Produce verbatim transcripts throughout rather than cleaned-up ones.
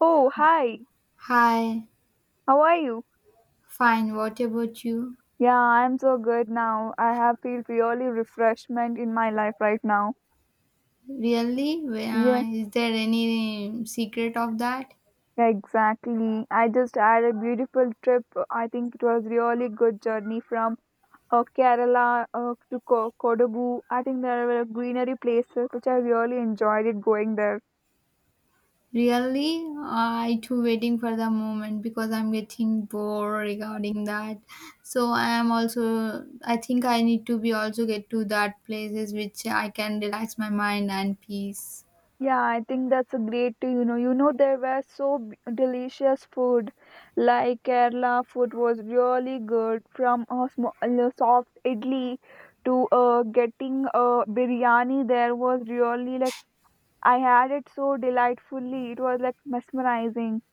Oh, hi. Hi, How are you? fine. What about you? Yeah, I'm so good now. I have feel really refreshment in my life right now. Really? Yeah, Uh, is there any secret of that? exactly. I just had a beautiful trip. I think it was really good journey from uh, Kerala uh, to Ko- Kodagu. I think there were greenery places which I really enjoyed it going there. Really? Uh, I too waiting for the moment because I'm getting bored regarding that. So I am also. I think I need to be also get to that places which I can relax my mind and peace. Yeah, I think that's a great, you know, you know there were so b- delicious food, like Kerala food was really good from a small, soft idli to uh, getting a biryani. There was really like I had it so delightfully. It was like mesmerizing.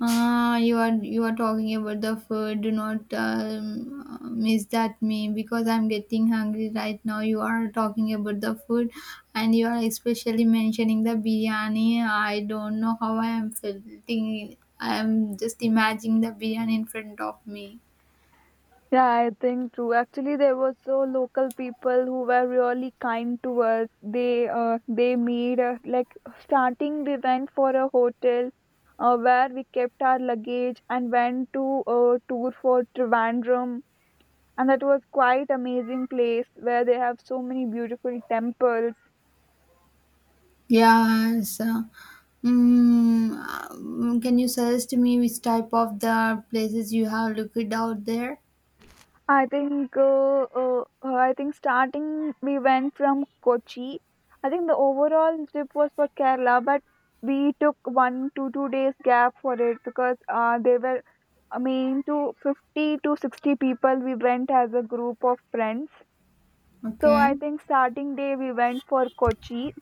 Ah, you are you are talking about the food. Do not um, uh, miss that me because I'm getting hungry right now. You are talking about the food, and you are especially mentioning the biryani. I don't know how I am feeling. I am just imagining the biryani in front of me. Yeah, I think true. Actually, there were so local people who were really kind to us. They uh, they made a, like starting we went for a hotel uh, where we kept our luggage and went to a tour for Trivandrum, and that was quite amazing place where they have so many beautiful temples. Yes. uh, Mm, um, can you suggest to me which type of the places you have looked out there? I think uh, uh, uh, I think starting we went from Kochi. I think the overall trip was for Kerala, but we took one to two days gap for it because uh, they were I mean to fifty to sixty people. We went as a group of friends. So Okay. I think starting day we went for Kochi.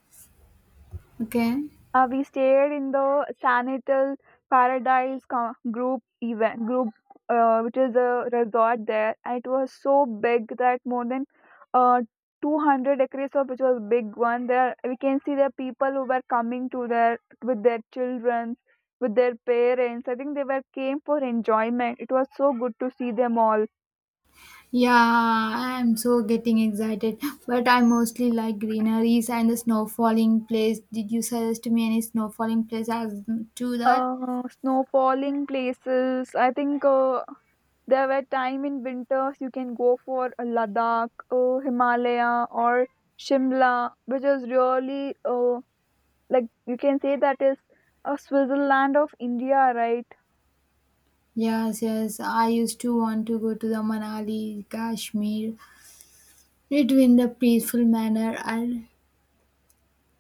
Okay. Uh, we stayed in the Sanital Paradise co- group event group, uh, which is a resort there, and it was so big that more than uh, two hundred acres of which was big one. There we can see the people who were coming to there with their children, with their parents. I think they were came for enjoyment. It was so good to see them all. Yeah, I'm so getting excited, but I mostly like greeneries and the snow falling place. Did you suggest me any snow falling place as to that? Uh, snow falling places. I think uh, there were time in winters you can go for a Ladakh, uh, Himalaya, or Shimla, which is really uh, like you can say that is a Switzerland of India, right? Yes, yes. I used to want to go to the Manali, Kashmir. It in the peaceful manner. I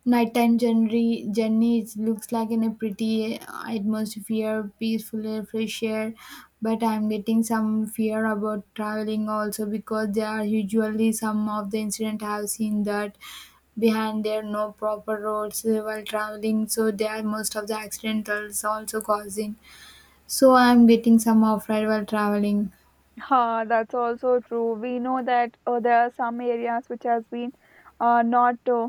nighttime journey, journeys looks like in a pretty uh, atmosphere, peaceful air, fresh air. But I'm getting some fear about traveling also because there are usually some of the incident I have seen that behind there no proper roads uh, while traveling, so there are most of the accidentals also causing. So I'm getting some off ride while traveling. Ha, that's also true. We know that uh, there are some areas which has been uh, not uh,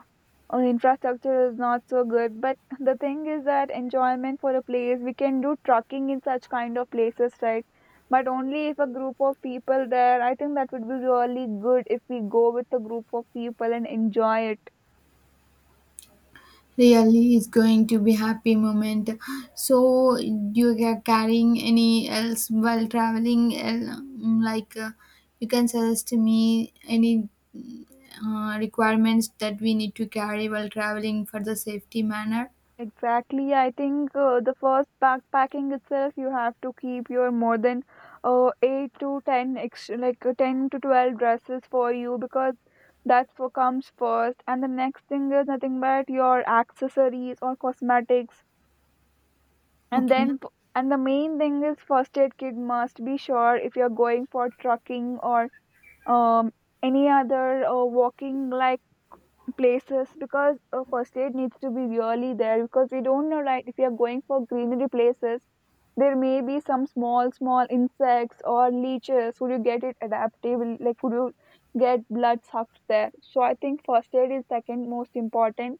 uh, infrastructure is not so good. But the thing is that enjoyment for a place we can do trucking in such kind of places, right? But only if a group of people there. I think that would be really good if we go with a group of people and enjoy it. Really is going to be happy moment. So you are carrying any else while traveling? el- mm, Like uh, you can suggest to me any mm, uh, requirements that we need to carry while traveling for the safety manner. Exactly. I think uh, the first backpacking itself, you have to keep your more than uh, eight to ten extra, like uh, ten to twelve dresses for you because that's what comes first. And the next thing is nothing but your accessories or cosmetics. And Okay. then, f- and the main thing is first aid kit must be sure if you're going for trucking or um, any other uh, walking like places, because uh, first aid needs to be really there because we don't know, right, if we are going for greenery places there may be some small small insects or leeches, would you get it adaptable, like would you get blood sucked there. So I think first aid is second most important,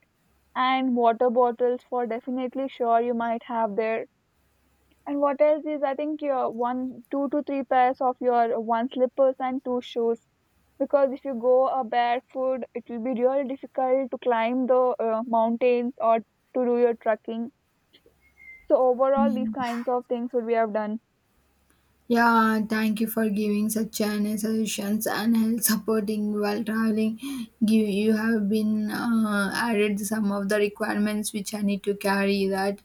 and water bottles for definitely sure you might have there. And what else is, I think your one, two to three pairs of your one slippers and two shoes. Because if you go uh, barefoot, it will be really difficult to climb the uh, mountains or to do your trekking. So overall, these kinds of things would we have done. Yeah, thank you for giving such an suggestions and help supporting while traveling. Give you have been uh, added some of the requirements which I need to carry that.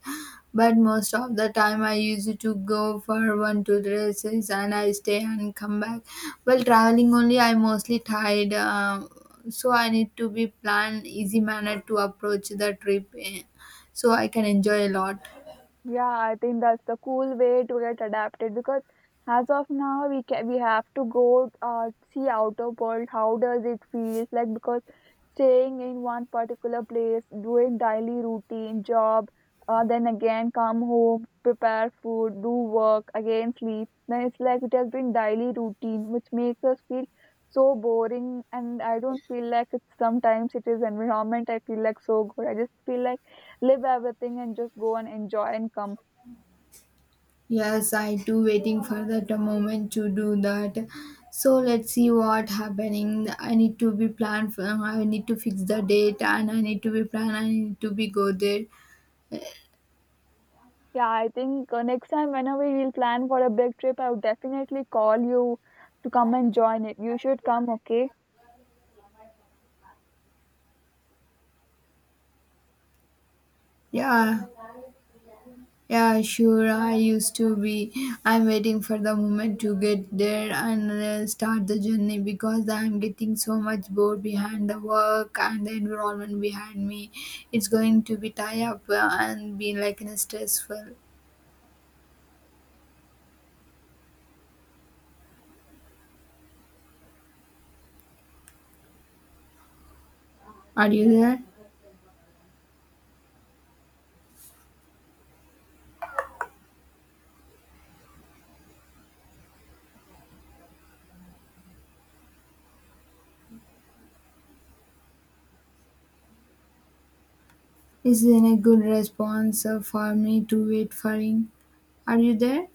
But most of the time I used to go for one two dresses and I stay and come back. While traveling only I mostly tired, uh, so I need to be plan easy manner to approach the trip, eh, so I can enjoy a lot. Yeah, I think that's the cool way to get adapted because as of now we can we have to go uh, see outer world. How does it feel like? Because staying in one particular place, doing daily routine, job, uh, then again come home, prepare food, do work, again sleep. Then it's like it has been daily routine, which makes us feel so boring. And I don't feel like it's sometimes it is environment. I feel like so good. I just feel like live everything and just go and enjoy and come. Yes, I do waiting for that moment to do that. So let's see what happening. I need to be planned. For, I need to fix the date and I need to be planned. I need to be go there. Yeah, I think uh, next time whenever we'll plan for a big trip, I'll definitely call you to come and join it. You should come, okay? Yeah, yeah, sure. I used to be. I'm waiting for the moment to get there and uh, start the journey because I'm getting so much bored behind the work and the environment behind me. It's going to be tie up uh, and be like in a stressful. Are you there? Isn't a good response uh, for me to wait for him. Are you there?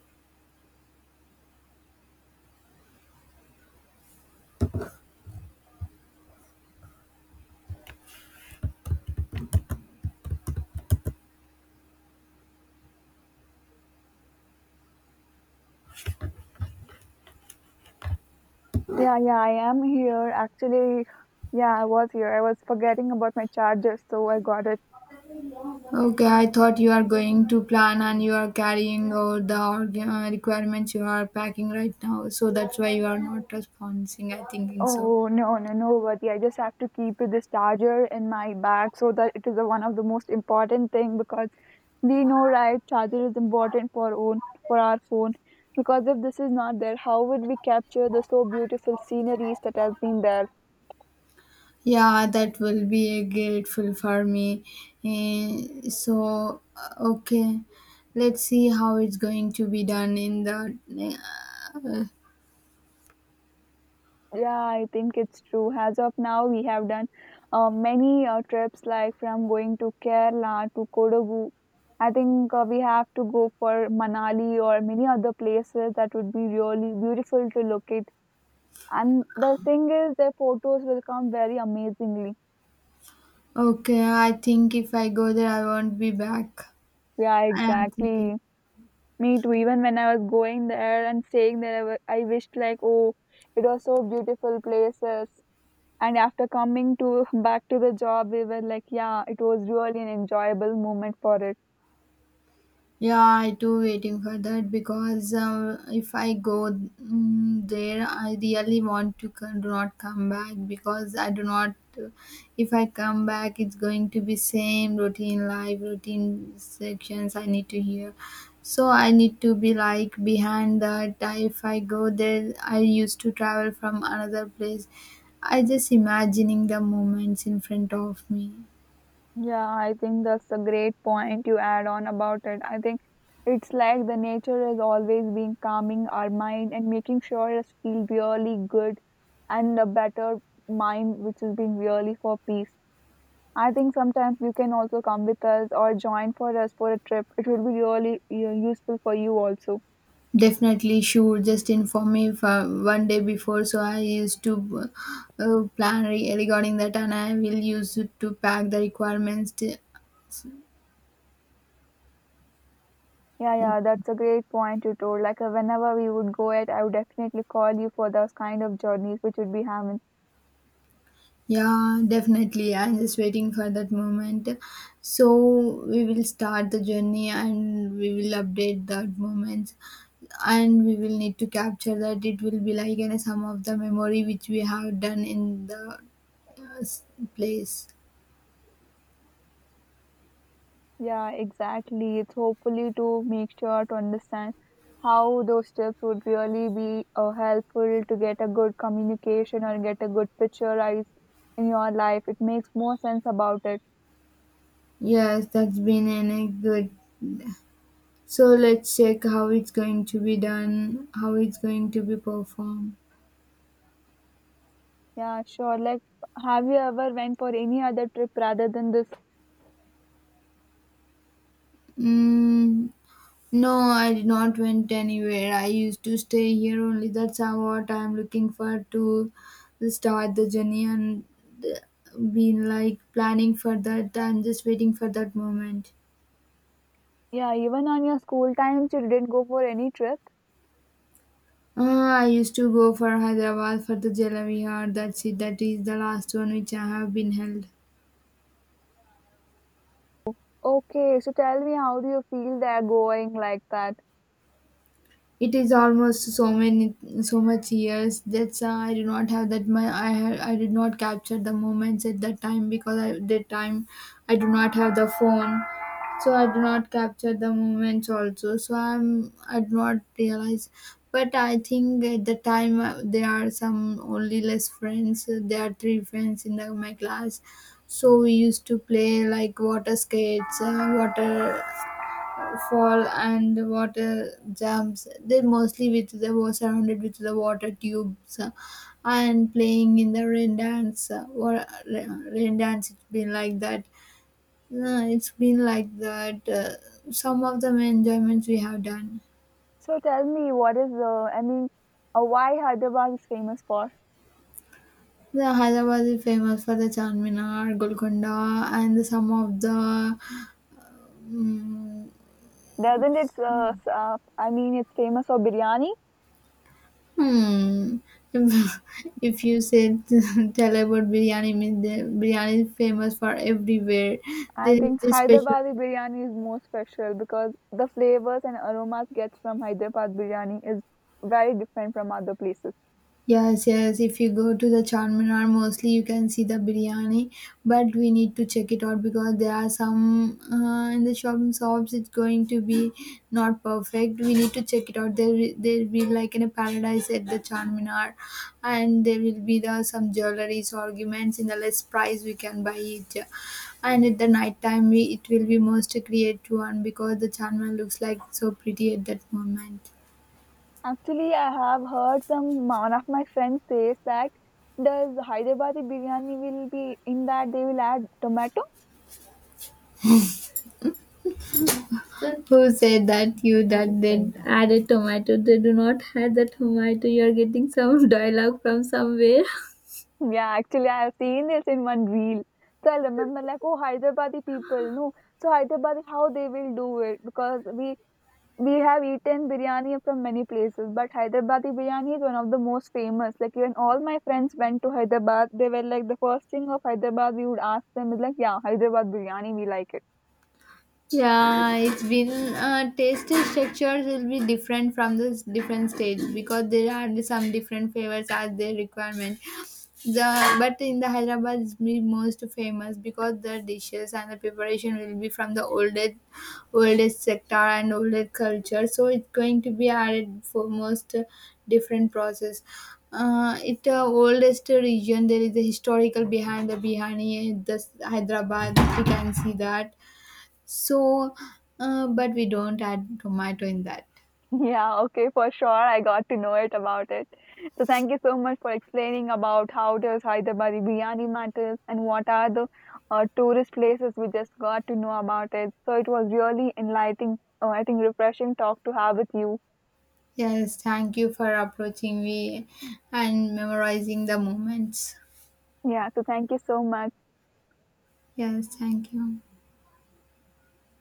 Yeah, yeah, I am here. Actually, yeah, I was here. I was forgetting about my charger, so I got it. Okay, I thought you are going to plan and you are carrying out the org- uh, requirements you are packing right now. So that's why you are not responding. I thinking so. Oh, no, no, no, Vati. I just have to keep this charger in my bag so that it is the one of the most important thing, because we know, right, charger is important for own for our phone, because if this is not there, how would we capture the so beautiful sceneries that has been there. Yeah, that will be uh, grateful for me. Eh, so uh, okay, let's see how it's going to be done in the, uh, Yeah, I think it's true. As of now, we have done uh, many uh, trips like from going to Kerala to Kodagu. I think uh, we have to go for Manali or many other places that would be really beautiful to locate. And the thing is, their photos will come very amazingly. okay, I think if I go there, I won't be back. Yeah, I am thinking. exactly. Me too. Even when I was going there and staying there, I wa- I wished like, oh, it was so beautiful places. And after coming to back to the job, we were like, yeah, it was really an enjoyable moment for us. Yeah, I do waiting for that because uh, if I go mm, there, I really want to co- do not come back because I do not. uh, If I come back, it's going to be same routine life, routine sections I need to hear. So I need to be like behind that. I, if I go there, I used to travel from another place. I just imagining the moments in front of me. Yeah, I think that's a great point you add on about it. I think it's like the nature is always being calming our mind and making sure us feel really good and a better mind which is being really for peace. I think sometimes you can also come with us or join for us for a trip. It will be really you useful for you also. Definitely, sure. Just inform me if, uh, one day before, so I used to uh, uh, plan re- regarding that, and I will use it to pack the requirements. To, Yeah, yeah, that's a great point you told. Like uh, whenever we would go it, I would definitely call you for those kind of journeys which would be having. yeah, definitely. I'm just waiting for that moment. So we will start the journey, and we will update that moment, and we will need to capture that. It will be like in some of the memory which we have done in the uh, s- place. Yeah, exactly. It's hopefully to make sure to understand how those tips would really be uh, helpful to get a good communication or get a good picturized in your life. It makes more sense about it. Yes, that's been in a good. So let's check how it's going to be done, how it's going to be performed. Yeah, sure. Like, have you ever went for any other trip rather than this? Mm, no, I did not went anywhere. I used to stay here only. That's how what I'm looking for to start the journey and been like planning for that. I'm just waiting for that moment. Yeah, even on your school times, you didn't go for any trip. Uh, I used to go for Hyderabad for the Jalavi. That's it. That is the last one which I have been held. Okay, so tell me, how do you feel they're going like that? It is almost so many so much years that's uh, I do not have that my I had I did not capture the moments at that time because I that time I do not have the phone, so I do not capture the moments also, so I'm I do not realize. But I think at the time uh, there are some only less friends. Uh, there are three friends in the, my class, so we used to play like water skates, uh, water fall and the water jumps. They mostly with the were surrounded with the water tubes uh, and playing in the rain dance uh, or uh, rain dance, it's been like that. No, it's been like that, uh, some of the enjoyments we have done. So tell me, what is the, I mean, uh, why Hyderabad is famous for? The Hyderabad is famous for the Charminar, Golconda, and the, some of the. Mm. Doesn't it? Uh, s- uh, I mean, it's famous for biryani. Hmm. If if you said tell about biryani, means the biryani is famous for everywhere. I There is think this special. Hyderabadi biryani is more special because the flavors and aromas gets from Hyderabad biryani is very different from other places. Yes, yes. If you go to the Charminar, mostly you can see the biryani, but we need to check it out because there are some, uh, in the shopping shops. It's going to be not perfect. We need to check it out. There, will- there will be like in a paradise at the Charminar, and there will be the some jewelries arguments in the less price we can buy it, and at the night time we it will be most creative one because the Charminar looks like so pretty at that moment. Actually, I have heard some one of my friends says that does Hyderabadi biryani will be in that they will add tomato? Who said that you that they added tomato? They do not add the tomato. You are getting some dialogue from somewhere. Yeah, actually, I have seen this in one reel. So I remember like, oh, Hyderabadi people, no. So Hyderabadi, how they will do it because we we have eaten biryani from many places, but Hyderabadi biryani is one of the most famous. Like even all my friends went to Hyderabad, they were like the first thing of Hyderabad. We would ask them is like, yeah, Hyderabad biryani, we like it. Yeah, it's been uh, tasting structures will be different from the s- different stage because there are some different flavors as their requirement. The but in the Hyderabad is be most famous because the dishes and the preparation will be from the oldest oldest sector and oldest culture. So it's going to be added for most uh, different process. Uh, it uh, oldest region, there is a historical behind the Bihani, the s- Hyderabad. We can see that, so, uh, but we don't add tomato in that. Yeah, okay, for sure. I got to know it about it. So thank you so much for explaining about how does Hyderabadi biryani matters and what are the uh, tourist places we just got to know about it. So it was really enlightening. Uh, I think refreshing talk to have with you. Yes, thank you for approaching me and memorizing the moments. Yeah, so thank you so much. Yes, thank you.